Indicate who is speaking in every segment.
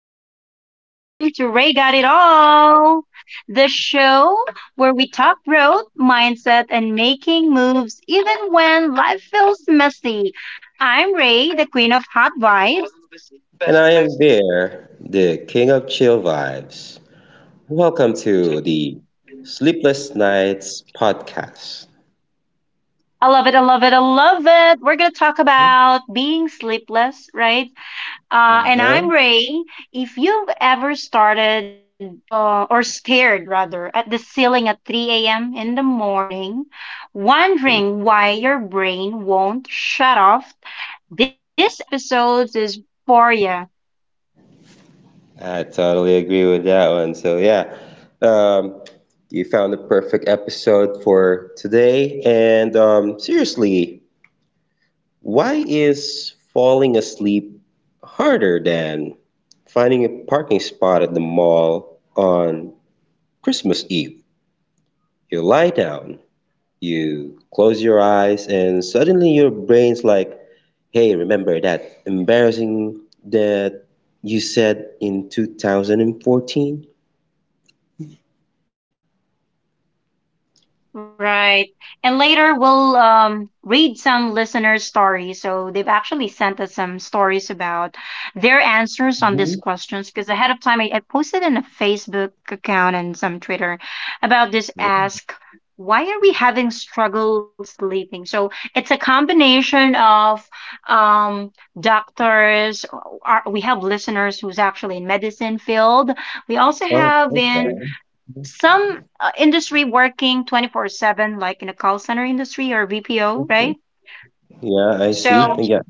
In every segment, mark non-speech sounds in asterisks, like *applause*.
Speaker 1: morning. Welcome to Ray Got It All, the show where we talk growth, mindset, and making moves even when life feels messy. I'm Ray, the queen of hot vibes.
Speaker 2: And I am Bear, the king of chill vibes. Welcome to the Sleepless Nights podcast.
Speaker 1: I love it, I love it, I love it. We're going to talk about being sleepless, right? And
Speaker 2: Uh-huh.
Speaker 1: I'm Ray. If you've ever started or stared rather at the ceiling at 3 a.m. in the morning, wondering why your brain won't shut off, this episode is for you.
Speaker 2: I totally agree with that one. So, yeah, um, you found the perfect episode for today. And seriously, why is falling asleep harder than finding a parking spot at the mall on Christmas Eve? You lie down. You close your eyes and suddenly your brain's like, hey, remember that embarrassing that you said in 2014?
Speaker 1: Right. And later we'll read some listeners' stories. So they've actually sent us some stories about their answers on
Speaker 2: Mhm.
Speaker 1: these questions because ahead of time I posted in a Facebook account and some Twitter about this ask, why are we having struggle sleeping? So it's a combination of um, doctors, we have listeners who's actually in medicine field. We also
Speaker 2: Oh,
Speaker 1: have
Speaker 2: okay.
Speaker 1: in some industry working 24/7 like in a call center industry or VPO, right?
Speaker 2: Yeah, I see.
Speaker 1: So,
Speaker 2: Yeah.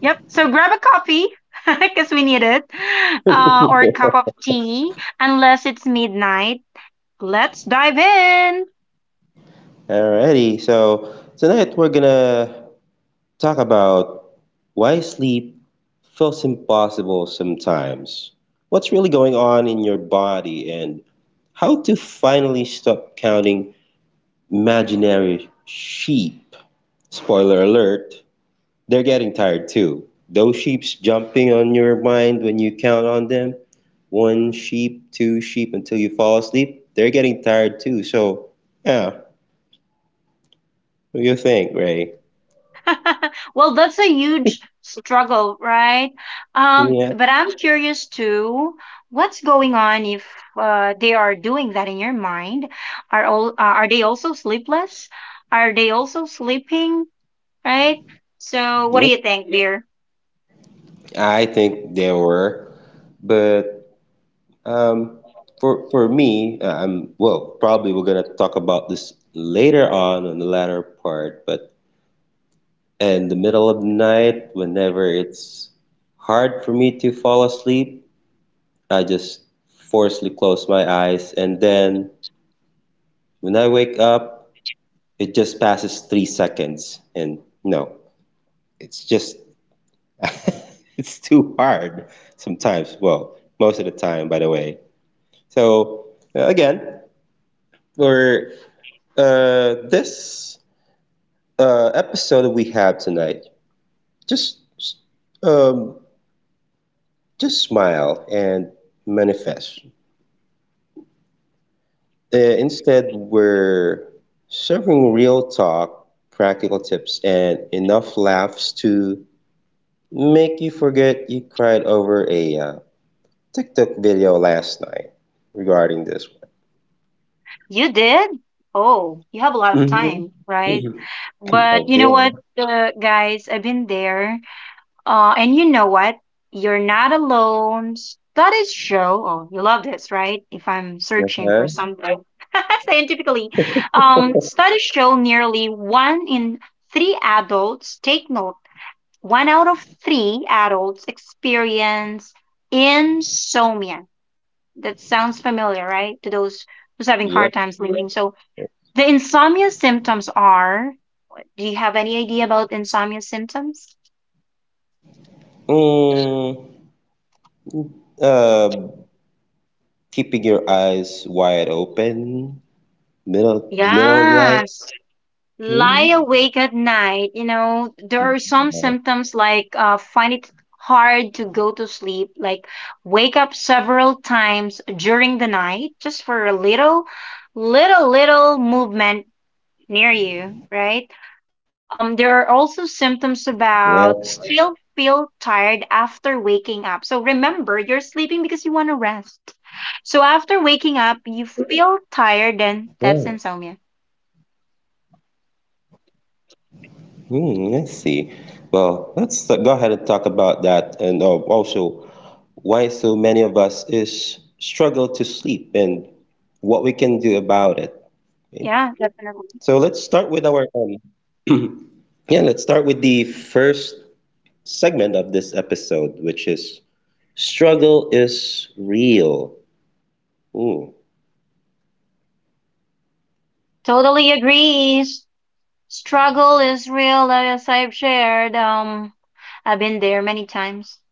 Speaker 1: yep. So grab a coffee *laughs* because we need it or a
Speaker 2: *laughs*
Speaker 1: cup of tea unless it's midnight. Let's dive in.
Speaker 2: Alrighty, so tonight we're gonna talk about why sleep feels impossible sometimes. What's really going on in your body and how to finally stop counting imaginary sheep. Spoiler alert, they're getting tired too. Those sheep's jumping on your mind when you count on them. One sheep, two sheep until you fall asleep. They're getting tired too. So, yeah, what do you think, Ray?
Speaker 1: *laughs* Well, that's a huge struggle, right? Um,
Speaker 2: Yeah,
Speaker 1: but I'm curious too. What's going on if they are doing that in your mind? Are all are they also sleepless? Are they also sleeping? Right? So, what do
Speaker 2: yep.
Speaker 1: you think, dear?
Speaker 2: I think there were, but um, for me, well, probably we're gonna talk about this later on the latter part. But in the middle of the night, whenever it's hard for me to fall asleep, I just forcefully close my eyes. And then when I wake up, it just passes 3 seconds. And no, it's just, *laughs* it's too hard sometimes. Well, most of the time, by the way. So, again, for this episode that we have tonight, just um, just smile and manifest. Instead, we're serving real talk, practical tips, and enough laughs to make you forget you cried over a TikTok video last night regarding this
Speaker 1: You did? Oh, you have a lot of
Speaker 2: one.
Speaker 1: time, right?
Speaker 2: Hmm. *laughs* I
Speaker 1: But you know
Speaker 2: do.
Speaker 1: what, guys, I've been there. And you know what? You're not alone. Studies show, oh, you love this, right? If I'm searching for
Speaker 2: Uh-huh.
Speaker 1: something *laughs* scientifically,
Speaker 2: *laughs*
Speaker 1: studies show nearly one in three adults, take note, one out of three adults experience insomnia. That sounds familiar, right? To those who's having
Speaker 2: Yeah.
Speaker 1: hard time sleeping. So the insomnia symptoms are, do you have any idea about insomnia symptoms?
Speaker 2: Mm, uh, keeping your eyes wide open, middle of the night.
Speaker 1: Yes. Lie
Speaker 2: Mhm.
Speaker 1: awake at night. You know, there are some
Speaker 2: Yeah,
Speaker 1: symptoms like find it hard to go to sleep, like wake up several times during the night just for a little, little, little movement near you, right?
Speaker 2: yeah,
Speaker 1: There are also symptoms about still feel tired after waking up. So remember, you're sleeping because you want to rest. So after
Speaker 2: yeah.
Speaker 1: waking up, you feel tired, then that's insomnia.
Speaker 2: Hmm, I see. Well, let's go ahead and talk about that, and also why so many of us is struggle to sleep and what we can do about it. Okay? So let's
Speaker 1: Yeah,
Speaker 2: start with
Speaker 1: definitely.
Speaker 2: our *clears throat* yeah, let's start with the first segment of this episode, which is struggle is real. Hmm.
Speaker 1: Totally agrees. Struggle is real, as I've shared. I've been there many times. *laughs*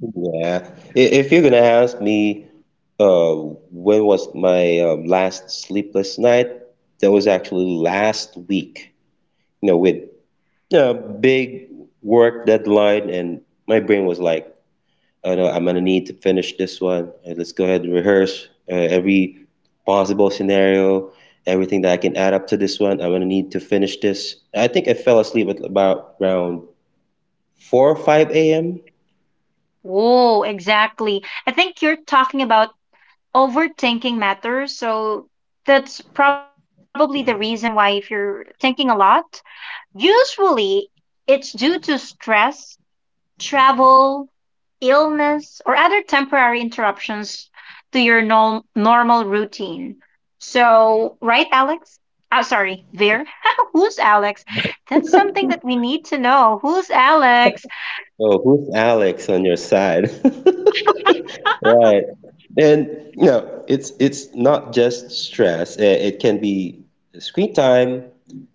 Speaker 2: Yeah. If you're gonna ask me, when was my last sleepless night? That was actually last week, you know, with a big work deadline, and my brain was like, I know I'm gonna need to finish this one. Let's go ahead and rehearse every possible scenario, everything that I can add up to this one. I'm gonna need to finish this. I think I fell asleep at about around 4 or 5 a.m.
Speaker 1: Oh, exactly. I think you're talking about overthinking matters. So that's probably the reason why if you're thinking a lot, usually it's due to stress, travel, illness, or other temporary interruptions to your normal routine. So, right, Alex? Oh, sorry, Veer. *laughs* Who's Alex? That's something that we need to know. Who's Alex?
Speaker 2: Oh, who's Alex on your side? *laughs* Right.
Speaker 1: *laughs*
Speaker 2: And you know, it's not just stress. It can be screen time,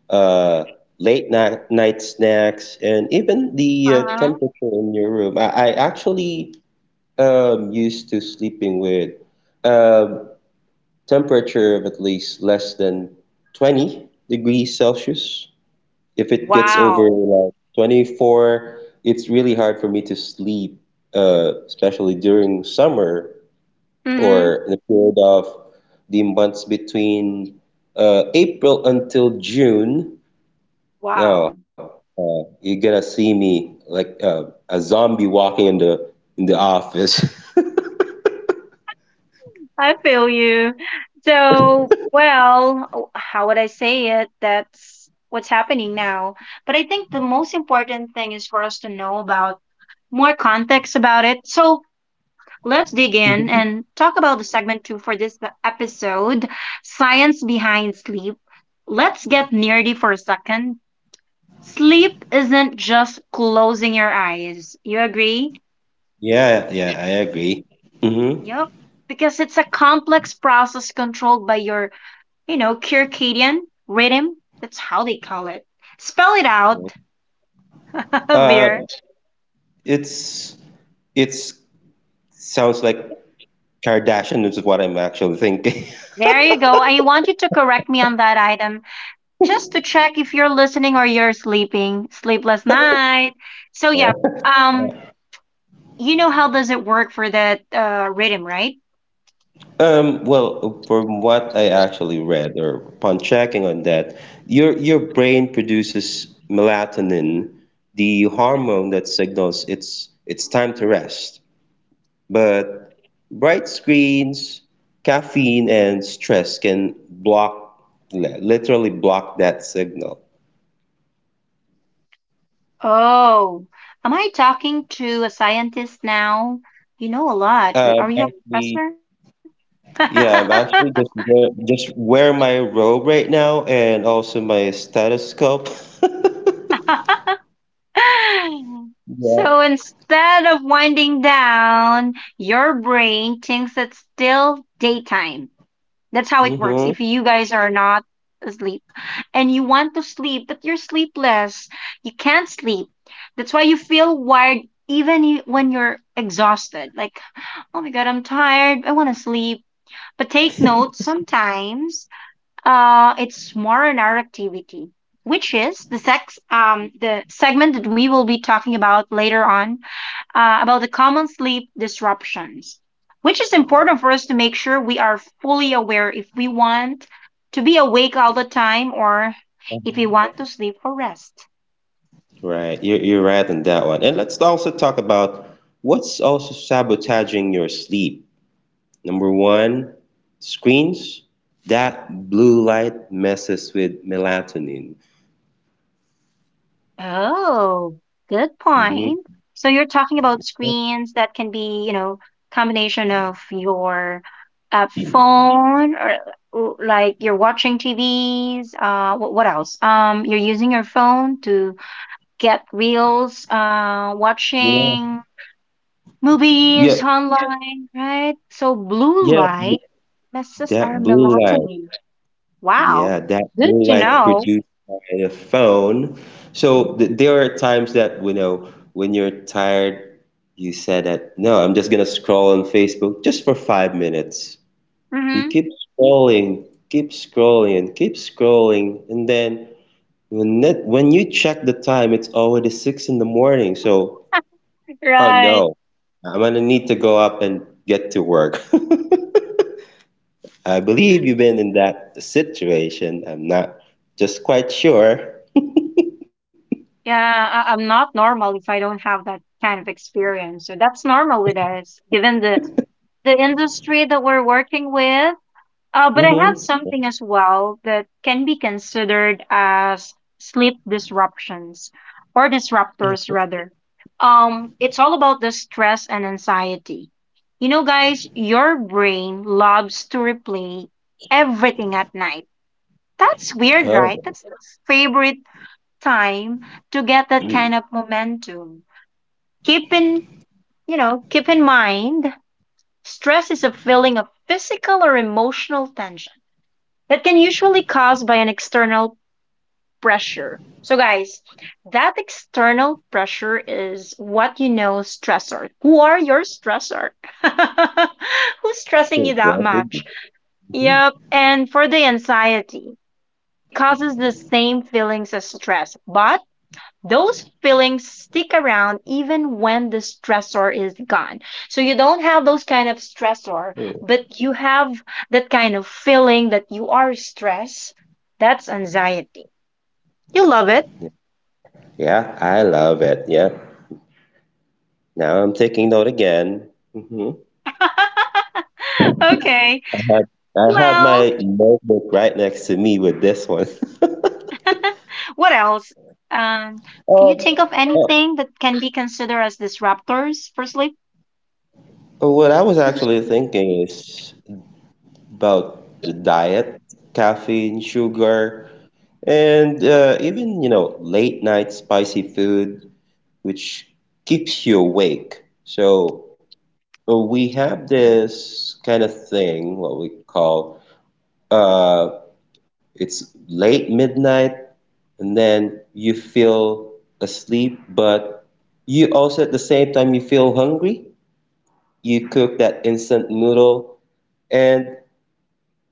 Speaker 2: uh, late night snacks, and even the
Speaker 1: Uh-huh.
Speaker 2: temperature in your room. I actually used to sleeping with um, temperature of at least less than 20 degrees Celsius. If it gets
Speaker 1: Wow.
Speaker 2: over like 24, it's really hard for me to sleep, especially during summer
Speaker 1: Mm-hmm.
Speaker 2: or the period of the months between April until June.
Speaker 1: Wow.
Speaker 2: No, you're gonna see me like a zombie walking in the office. *laughs*
Speaker 1: I feel you. So, well, oh, how would I say it? That's what's happening now. But I think the most important thing is for us to know about more context about it. So, let's dig in and
Speaker 2: Mhm.
Speaker 1: talk about the segment two for this episode, Science Behind Sleep. Let's get nerdy for a second. Sleep isn't just closing your eyes. You agree?
Speaker 2: Yeah, yeah, I agree. Hmm.
Speaker 1: Yep. Because it's a complex process controlled by your, you know, circadian rhythm. That's how they call it. Spell it out, *laughs*
Speaker 2: Uh,
Speaker 1: Veer.
Speaker 2: it's it's sounds like Kardashian is what I'm actually thinking. *laughs*
Speaker 1: There you go. I want you to correct me on that item just to check if you're listening or you're sleeping. Sleepless night. So, yeah, um, you know how does it work for that rhythm, right?
Speaker 2: Well, from what I actually read, or upon checking on that, your brain produces melatonin, the hormone that signals it's time to rest. But bright screens, caffeine, and stress can block, literally block that signal.
Speaker 1: Oh, am I talking to a scientist now? You know a lot. Y-
Speaker 2: Um,
Speaker 1: Are you a
Speaker 2: actually, yeah, I'm
Speaker 1: professor?
Speaker 2: actually just wear my robe right now and also my stethoscope. *laughs*
Speaker 1: *laughs* *laughs*
Speaker 2: Yeah.
Speaker 1: So instead of winding down, your brain thinks it's still daytime. That's how it works. If
Speaker 2: Mhm.
Speaker 1: you guys are not asleep and you want to sleep, but you're sleepless, you can't sleep. That's why you feel wired even when you're exhausted. Like, oh my God, I'm tired. I want to sleep. But take note, sometimes it's more an art activity, which is the sex the segment that we will be talking about later on about the common sleep disruptions, which is important for us to make sure we are fully aware if we want to be awake all the time or if we want to sleep for rest.
Speaker 2: Right, you're right on that one. And let's also talk about what's also sabotaging your sleep. Number one, screens. That blue light messes with melatonin.
Speaker 1: Oh, good
Speaker 2: Hmm.
Speaker 1: point. So you're talking about screens that can be, you know, combination of your phone or like you're watching TVs. What else? You're using your phone to get reels,
Speaker 2: Yeah,
Speaker 1: watching
Speaker 2: yeah,
Speaker 1: movies online, right? So blue
Speaker 2: yeah.
Speaker 1: light messes our
Speaker 2: That blue light.
Speaker 1: melatonin. Wow,
Speaker 2: Yeah, that
Speaker 1: good
Speaker 2: blue
Speaker 1: to
Speaker 2: light
Speaker 1: know.
Speaker 2: produced by the phone. So th there are times that, you know, when you're tired, you said that, no, I'm just gonna scroll on Facebook just for 5 minutes. You
Speaker 1: Mm-hmm.
Speaker 2: keep scrolling, keep scrolling, keep scrolling, and then when you check the time, it's already 6 in the morning. So, oh
Speaker 1: Right.
Speaker 2: no, I'm gonna need to go up and get to work. *laughs* I believe you've been in that situation. I'm not just quite sure.
Speaker 1: Yeah, I'm not normal if I don't have that kind of experience. So that's normal with us, given the industry that we're working with. But I have
Speaker 2: Mm-hmm.
Speaker 1: something as well that can be considered as sleep disruptions or
Speaker 2: Yeah.
Speaker 1: disruptors rather. It's all about the stress and anxiety. You know, guys, your brain loves to replay everything at night. That's weird, right?
Speaker 2: Oh.
Speaker 1: That's the favorite time to get that
Speaker 2: Mm.
Speaker 1: kind of momentum. Keep in, you know, keep in mind, stress is a feeling of physical or emotional tension that can usually caused by an external pressure. So guys, that external pressure is what you know stressor. Who are your stressor? *laughs* Who's
Speaker 2: Cool.
Speaker 1: stressing you that
Speaker 2: Definitely.
Speaker 1: much?
Speaker 2: Mhm.
Speaker 1: Yep. And for the anxiety, it causes the same feelings as stress, but those feelings stick around even when the stressor is gone. So you don't have those kind of stressor,
Speaker 2: Cool.
Speaker 1: but you have that kind of feeling that you are stressed. That's anxiety. You love it.
Speaker 2: Yeah, I love it. Yeah. Now I'm taking note again. Mm-hmm.
Speaker 1: *laughs* Okay.
Speaker 2: I have I have
Speaker 1: Well,
Speaker 2: my notebook right next to me with this one. *laughs*
Speaker 1: what else? Can you think
Speaker 2: Um,
Speaker 1: of
Speaker 2: uh,
Speaker 1: anything that can be considered as disruptors for sleep?
Speaker 2: what I was actually thinking is about the diet, caffeine, sugar, and even, you know, late night spicy food, which keeps you awake. So we have this kind of thing, what we call uh, it's late midnight and then you feel asleep, but you also at the same time you feel hungry. You cook that instant noodle and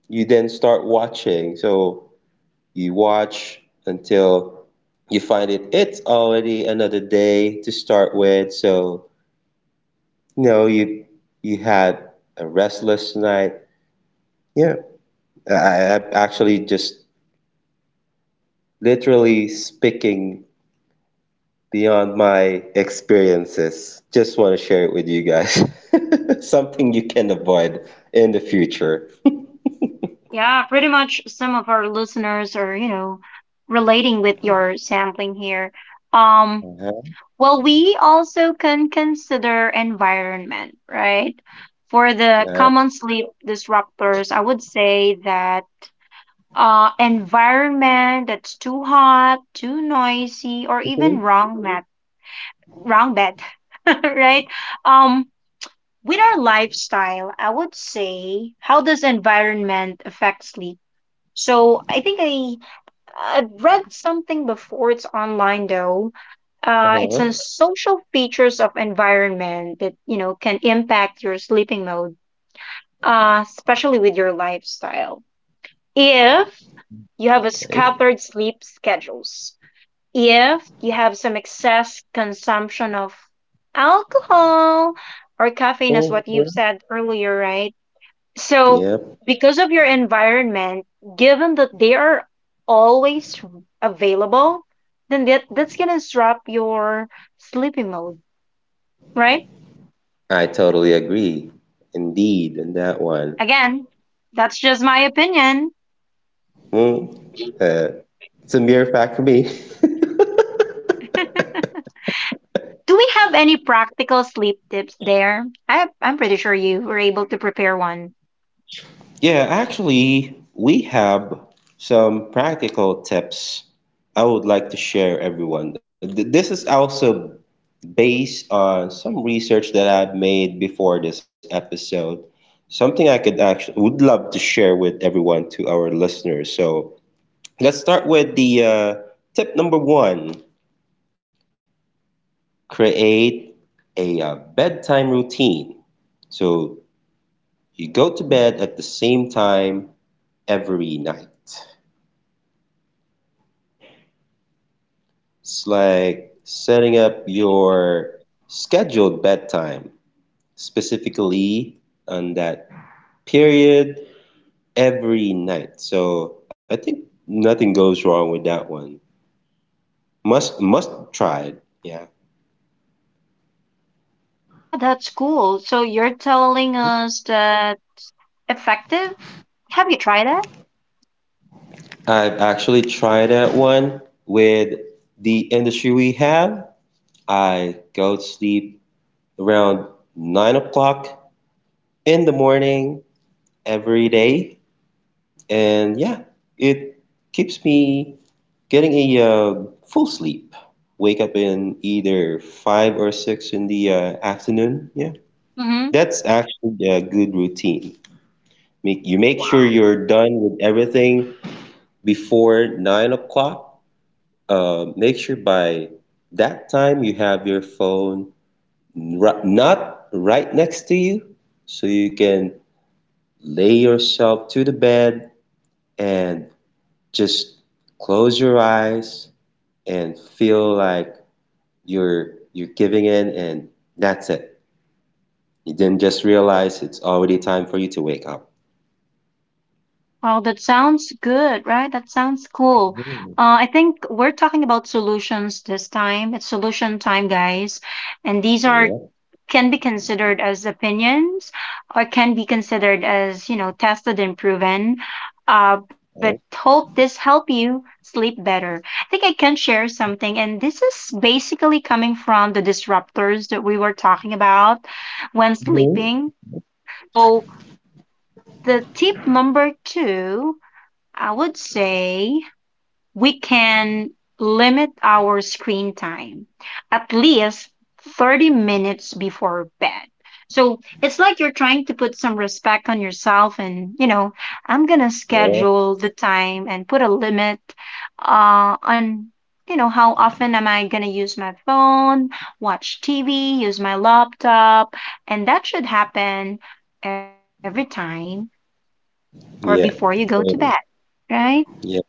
Speaker 2: you then start watching. So you watch until you find it it's already another day to start with. So you know you had a restless night. Yeah. I am actually just literally speaking beyond my experiences. Just want to share it with you guys. *laughs* Something you can avoid in the future.
Speaker 1: Yeah, pretty much some of our listeners are, you know, relating with your sampling here. Um,
Speaker 2: Uh-huh.
Speaker 1: Well, we also can consider environment, right? For the
Speaker 2: Yeah.
Speaker 1: common sleep disruptors, I would say that environment that's too hot, too noisy, or even
Speaker 2: Mhm.
Speaker 1: wrong mat, wrong bed, *laughs* right? Um, with our lifestyle, I would say, how does environment affect sleep? So I think I've read something before. It's online though. It's on
Speaker 2: Uh-huh.
Speaker 1: social features of environment that you know can impact your sleeping mode, especially with your lifestyle. If you have a
Speaker 2: Okay.
Speaker 1: scattered sleep schedules, if you have some excess consumption of alcohol or caffeine, as what you've
Speaker 2: Mhm.
Speaker 1: said earlier, right? So,
Speaker 2: Yep.
Speaker 1: because of your environment, given that they are always available, then that's going to disrupt your sleeping mode, right?
Speaker 2: I totally agree. Indeed, in that one.
Speaker 1: Again, that's just my opinion.
Speaker 2: Mm. Uh, it's a mere fact for me. *laughs*
Speaker 1: Do we have any practical sleep tips there? I'm pretty sure you were able to prepare one.
Speaker 2: Yeah, actually, we have some practical tips I would like to share everyone. This is also based on some research that I've made before this episode, something I could actually would love to share with everyone to our listeners. So let's start with the tip number one: create a bedtime routine. So you go to bed at the same time every night. It's like setting up your scheduled bedtime specifically on that period every night. So I think nothing goes wrong with that one. Must try it. Yeah,
Speaker 1: Yeah, that's cool. So, you're telling us that effective? Have you tried that?
Speaker 2: I've actually tried that one with the industry we have. I go to sleep around 9 o'clock in the morning every day, and yeah, it keeps me getting a full sleep. Wake up in either 5 or 6 in the afternoon. Yeah, that's actually a good routine. Make you make sure you're done with everything before 9 o'clock. Make sure by that time you have your phone not right next to you, so you can lay yourself to the bed and just close your eyes and feel like you're giving in, and that's it. You didn't just realize it's already time for you to wake up.
Speaker 1: Wow, that sounds good, right? That sounds cool. I think we're talking about solutions this time. It's solution time, guys. And these are
Speaker 2: Yeah.
Speaker 1: can be considered as opinions or can be considered as, you know, tested and proven. But
Speaker 2: Okay.
Speaker 1: hope this help you sleep better. I think I can share something, and this is basically coming from the disruptors that we were talking about when sleeping. So the tip number two I would say we can limit our screen time at least 30 minutes before bed. So it's like you're trying to put some respect on yourself and, you know, I'm going to schedule the time and put a limit on, you know, how often am I going to use my phone, watch TV, use my laptop. And that should happen every time or before you
Speaker 2: Yeah.
Speaker 1: go to bed, right?
Speaker 2: Yeah.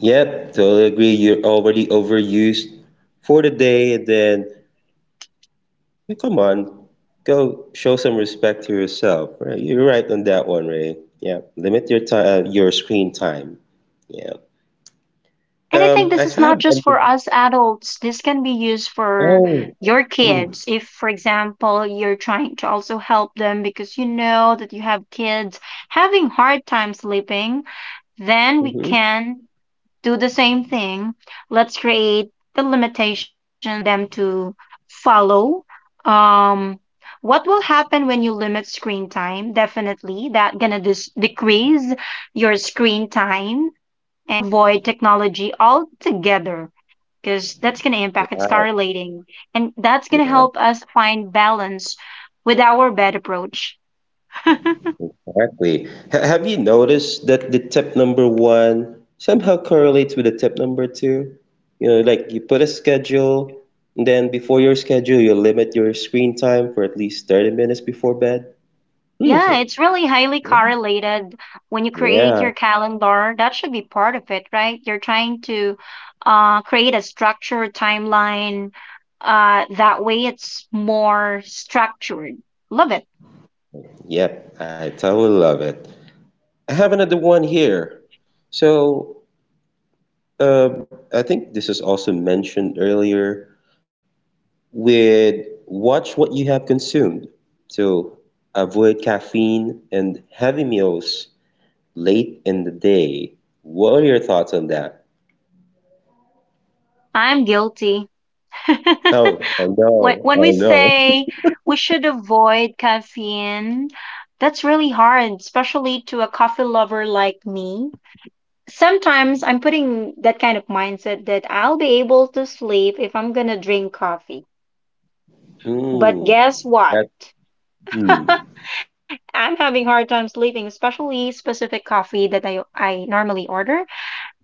Speaker 2: Yep, totally agree. You're already overused for the day, and then yeah, come on, go show some respect to yourself. Right? You're right on that one, Ray. Yeah, limit your time, your screen time. Yeah.
Speaker 1: And I think this
Speaker 2: I
Speaker 1: is not
Speaker 2: have.
Speaker 1: just for us adults. This can be used for
Speaker 2: Oh.
Speaker 1: your
Speaker 2: *clears throat*
Speaker 1: kids. If, for example, you're trying to also help them because you know that you have kids having hard time sleeping, then we
Speaker 2: Mm-hmm.
Speaker 1: can do the same thing. Let's create the limitations for them to follow. Um, what will happen when you limit screen time? Definitely, that gonna decrease your screen time and avoid technology altogether because that's going to impact it's
Speaker 2: Right.
Speaker 1: correlating and that's going to
Speaker 2: Yeah.
Speaker 1: help us find balance with our bed approach. *laughs*
Speaker 2: Exactly. Ha have you noticed that the tip number one somehow correlates with the tip number two? You know, like you put a schedule, and then before your schedule, you limit your screen time for at least 30 minutes before bed. Hmm.
Speaker 1: Yeah, it's really highly correlated when you create
Speaker 2: Yeah.
Speaker 1: your calendar. That should be part of it, right? You're trying to create a structured timeline. That way, it's more structured. Love it.
Speaker 2: Yep. I totally love it. I have another one here. So, I think this is also mentioned earlier. With watch what you have consumed to avoid caffeine and heavy meals late in the day. What are your thoughts on that?
Speaker 1: I'm guilty. *laughs*
Speaker 2: Oh, I know,
Speaker 1: When we
Speaker 2: I know.
Speaker 1: say we should avoid caffeine, that's really hard, especially to a coffee lover like me. Sometimes I'm putting that kind of mindset that I'll be able to sleep if I'm gonna drink coffee. But
Speaker 2: Mm,
Speaker 1: guess what?
Speaker 2: that, mm.
Speaker 1: *laughs* I'm having hard time sleeping, especially specific coffee that I normally order.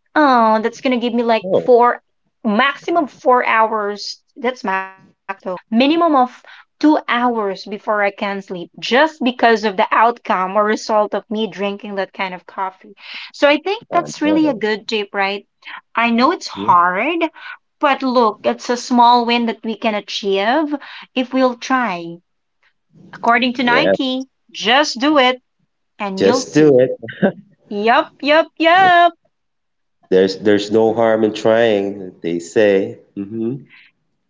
Speaker 1: Oh, that's gonna give me like
Speaker 2: Oh,
Speaker 1: four, maximum 4 hours. That's max though. Minimum of 2 hours before I can sleep, just because of the outcome or result of me drinking that kind of coffee. So I think
Speaker 2: I
Speaker 1: that's really a
Speaker 2: know.
Speaker 1: good tip, right? I know it's
Speaker 2: Mhm.
Speaker 1: hard, but look, it's a small win that we can achieve if we'll try. According to
Speaker 2: Yeah,
Speaker 1: Nike, just do it and you'll
Speaker 2: just do
Speaker 1: see. Yup, yup,
Speaker 2: it.
Speaker 1: yup.
Speaker 2: There's no harm in trying, they say. Hmm.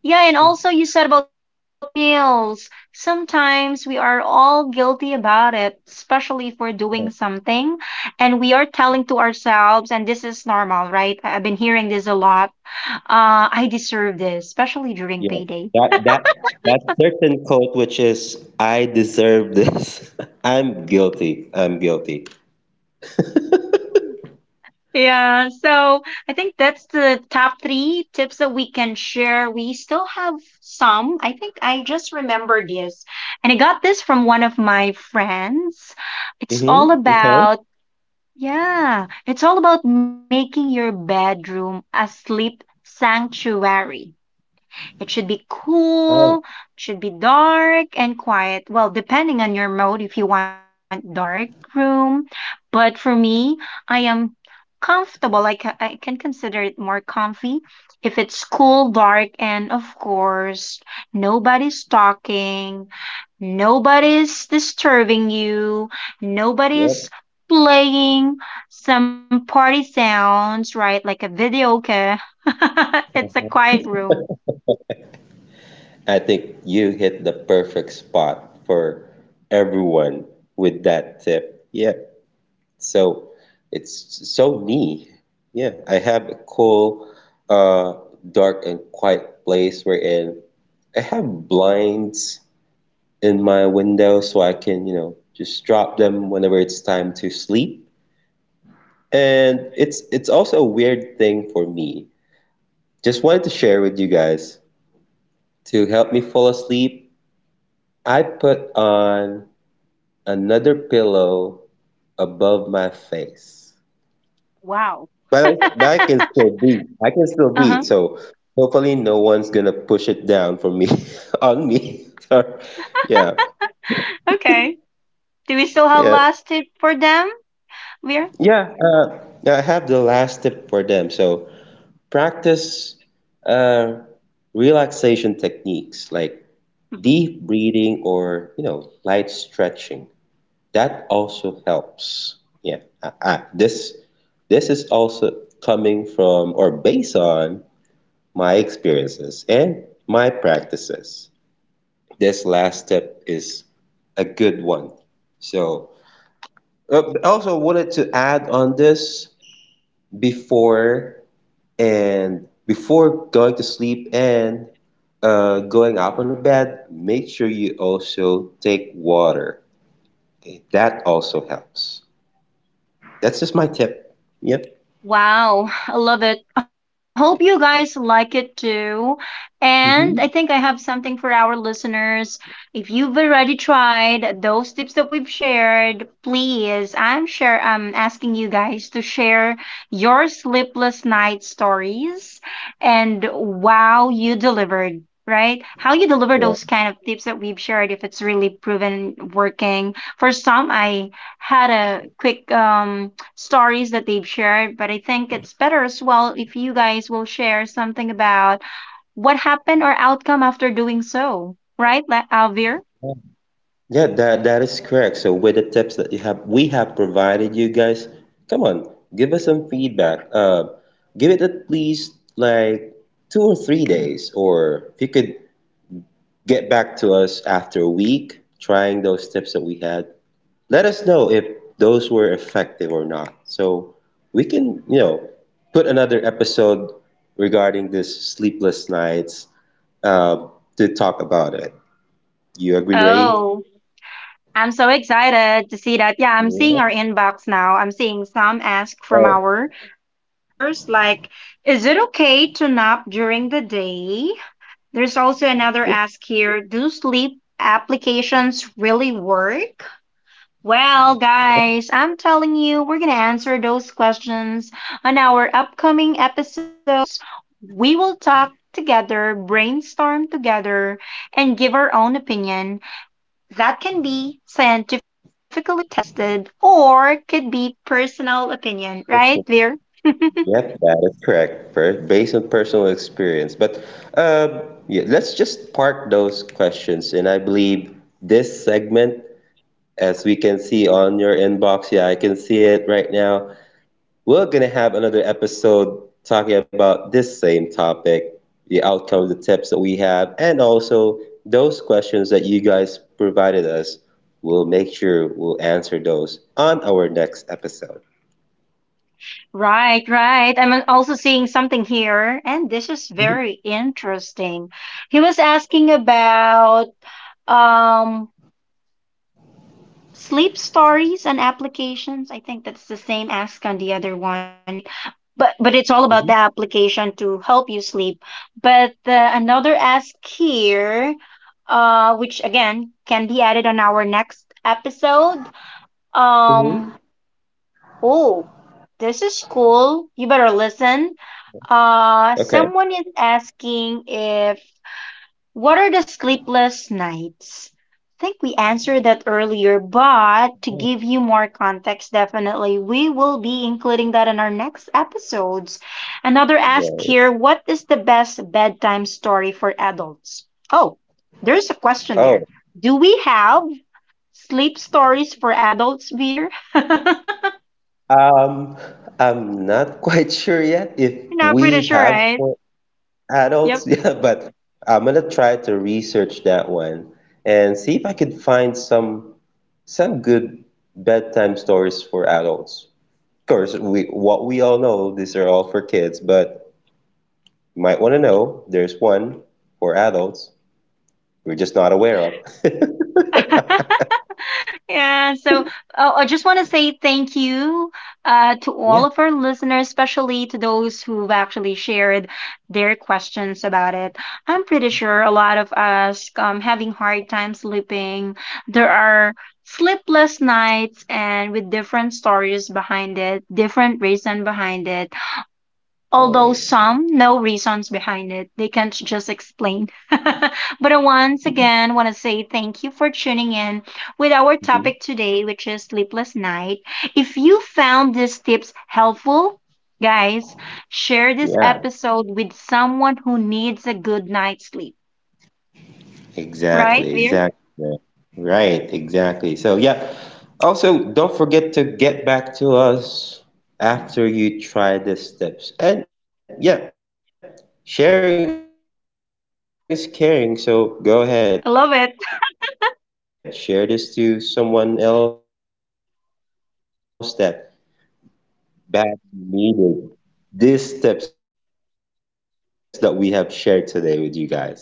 Speaker 1: Yeah, and also you said about heavy meals. Sometimes we are all guilty about it, especially if we're doing something and we are telling to ourselves, and this is normal, right? I've been hearing this a lot. I deserve this, especially during
Speaker 2: Yes,
Speaker 1: payday.
Speaker 2: that that that certain quote, which is "I deserve this," *laughs* I'm guilty. I'm guilty. *laughs*
Speaker 1: Yeah, so I think that's the top three tips that we can share. We still have some. I think I just remembered this. And I got this from one of my friends. It's
Speaker 2: Hmm.
Speaker 1: all
Speaker 2: Okay.
Speaker 1: about... Yeah, it's all about making your bedroom a sleep sanctuary. It should be
Speaker 2: Oh,
Speaker 1: cool, it should be dark and quiet. Well, depending on your mode, if you want dark room. But for me, I am comfortable. I can consider it more comfy if it's cool, dark, and of course, nobody's talking, nobody's disturbing you,
Speaker 2: yep.
Speaker 1: nobody's playing some party sounds, right? Like a videoke. *laughs* It's a quiet room.
Speaker 2: I think you hit the perfect spot for everyone with that tip. Yeah. So it's so me. Yeah. I have a cool, uh, dark and quiet place wherein I have blinds in my window so I can, you know, just drop them whenever it's time to sleep. And it's also a weird thing for me. Just wanted to share with you guys. To help me fall asleep, I put on another pillow above my face.
Speaker 1: Wow.
Speaker 2: But I can still breathe. I can still
Speaker 1: Uh
Speaker 2: breathe.
Speaker 1: huh.
Speaker 2: So hopefully no one's gonna push it down for me *laughs* on me. *laughs* Yeah,
Speaker 1: Okay. Do we still have
Speaker 2: yeah,
Speaker 1: last tip for them? Leah?
Speaker 2: yeah. Yeah, I have the last tip for them. So practice uh, relaxation techniques like
Speaker 1: Mhm.
Speaker 2: deep breathing or you know light stretching. That also helps. Yeah, I, this is also coming from or based on my experiences and my practices. This last step is a good one. So, also wanted to add on this before before going to sleep and going up on bed, make sure you also take water. Okay, that also helps. That's just my tip. Yep.
Speaker 1: Wow, I love it. I hope you guys like it too. And I think I
Speaker 2: Mhm.
Speaker 1: have something for our listeners. If you've already tried those tips that we've shared, please, I'm sure I'm asking you guys to share your sleepless night stories and wow, you delivered, right? How you deliver those
Speaker 2: Yeah,
Speaker 1: kind of tips that we've shared if it's really proven working. For some, I had a quick stories that they've shared. But I think it's better as well if you guys will share something about what happened or outcome after doing so, right, Alvir?
Speaker 2: yeah, that is correct. So with the tips that you have, we have provided you guys, come on, give us some feedback. Give it at least like 2 or 3 days, or if you could get back to us after a week trying those tips that we had, let us know if those were effective or not. So we can, you know, put another episode regarding this sleepless nights uh, to talk about it. You agree, Ray?
Speaker 1: Oh, I'm so excited to see that. Yeah, I'm seeing
Speaker 2: Yeah.
Speaker 1: our inbox now. I'm seeing some ask from
Speaker 2: Oh,
Speaker 1: our listeners, like, is it okay to nap during the day? There's also another ask here: do sleep applications really work? Well, guys, I'm telling you, we're going to answer those questions on our upcoming episodes. We will talk together, brainstorm together, and give our own opinion that can be scientifically tested or could be personal opinion, right, Veer?
Speaker 2: yep, that is correct. Based on personal experience. But um, yeah, let's just park those questions. And I believe this segment, as we can see on your inbox, yeah, I can see it right now. We're gonna have another episode talking about this same topic, the outcomes, the tips that we have, and also those questions that you guys provided us. We'll make sure we'll answer those on our next episode.
Speaker 1: Right, right. I'm also seeing something here, and this is very
Speaker 2: Mhm,
Speaker 1: interesting. He was asking about um sleep stories and applications. I think that's the same ask on the other one, right? But it's all
Speaker 2: mhm,
Speaker 1: about the application to help you sleep. But another ask here, which again can be added on our next episode. Um,
Speaker 2: mhm.
Speaker 1: oh, this is cool. You better listen.
Speaker 2: Okay.
Speaker 1: Someone is asking if what are the sleepless nights? I think we answered that earlier, but to
Speaker 2: Oh,
Speaker 1: give you more context, definitely we will be including that in our next episodes. Another ask
Speaker 2: right.
Speaker 1: here: what is the best bedtime story for adults? Oh, there's a question there.
Speaker 2: Oh,
Speaker 1: Do we have sleep stories for adults, Beer? *laughs* You're
Speaker 2: um, I'm not *laughs* quite sure yet if
Speaker 1: not pretty
Speaker 2: we
Speaker 1: sure,
Speaker 2: have
Speaker 1: right?
Speaker 2: for adults.
Speaker 1: Yep.
Speaker 2: *laughs* Yeah, but I'm gonna try to research that one and see if I can find some good bedtime stories for adults. Of course, we what we all know, these are all for kids, but you might want to know there's one for adults we're just not aware of. *laughs*
Speaker 1: *laughs* Yeah, so I just want to say thank you, to all
Speaker 2: Yeah.
Speaker 1: of our listeners, especially to those who've actually shared their questions about it. I'm pretty sure a lot of us, having hard time sleeping. There are sleepless nights and with different stories behind it, different reason behind it, although
Speaker 2: Right.
Speaker 1: some no reasons behind it they can't just explain, *laughs* but once again want to say thank you for tuning in with our
Speaker 2: Mhm.
Speaker 1: topic today, which is sleepless night. If you found these tips helpful, guys, share this
Speaker 2: Yeah.
Speaker 1: episode with someone who needs a good night's sleep, right,
Speaker 2: Exactly,
Speaker 1: Veer?
Speaker 2: exactly. Right, exactly. So, yeah. Also, don't forget to get back to us after you try the steps. And yeah, sharing is caring. So,
Speaker 1: I love it.
Speaker 2: go
Speaker 1: *laughs*
Speaker 2: ahead, share this to someone else that badly needed these steps that we have shared today with you guys.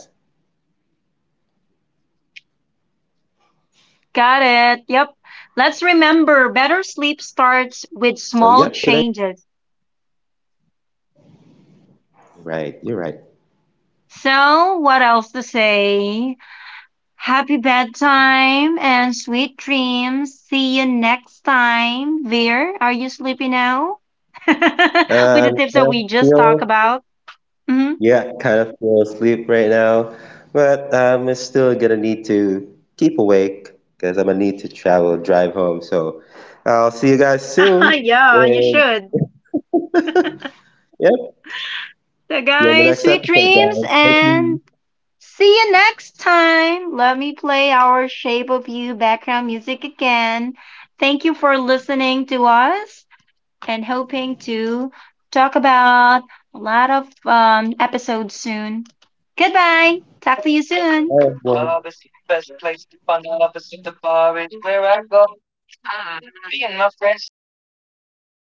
Speaker 1: Got it. Yep, let's
Speaker 2: So, yeah, I
Speaker 1: remember
Speaker 2: think that
Speaker 1: better
Speaker 2: would
Speaker 1: sleep
Speaker 2: would wrap
Speaker 1: starts
Speaker 2: our
Speaker 1: with
Speaker 2: story or
Speaker 1: small
Speaker 2: episode for
Speaker 1: changes,
Speaker 2: today.
Speaker 1: so what else to
Speaker 2: Right, you're right.
Speaker 1: say. Happy bedtime and sweet dreams. See you next time. Veer, are you sleepy now? *laughs* With the tips
Speaker 2: Um,
Speaker 1: that
Speaker 2: uh,
Speaker 1: we
Speaker 2: you
Speaker 1: just talked
Speaker 2: know,
Speaker 1: about. Hmm.
Speaker 2: Yeah, kind of fell asleep right now, but I'm still gonna need to keep awake because I'm gonna need to travel, drive home. So I'll see you guys
Speaker 1: *laughs*
Speaker 2: soon.
Speaker 1: Yeah, you
Speaker 2: And
Speaker 1: should.
Speaker 2: *laughs* yep, see
Speaker 1: So,
Speaker 2: you on the
Speaker 1: guys,
Speaker 2: next
Speaker 1: sweet
Speaker 2: episode,
Speaker 1: dreams
Speaker 2: guys. Thank
Speaker 1: and
Speaker 2: you.
Speaker 1: see you next time. Let me play our Shape of You background music again. Thank you for listening to us, and hoping to talk about a lot of episodes soon. Goodbye. Talk to you soon.
Speaker 2: Bye, everyone.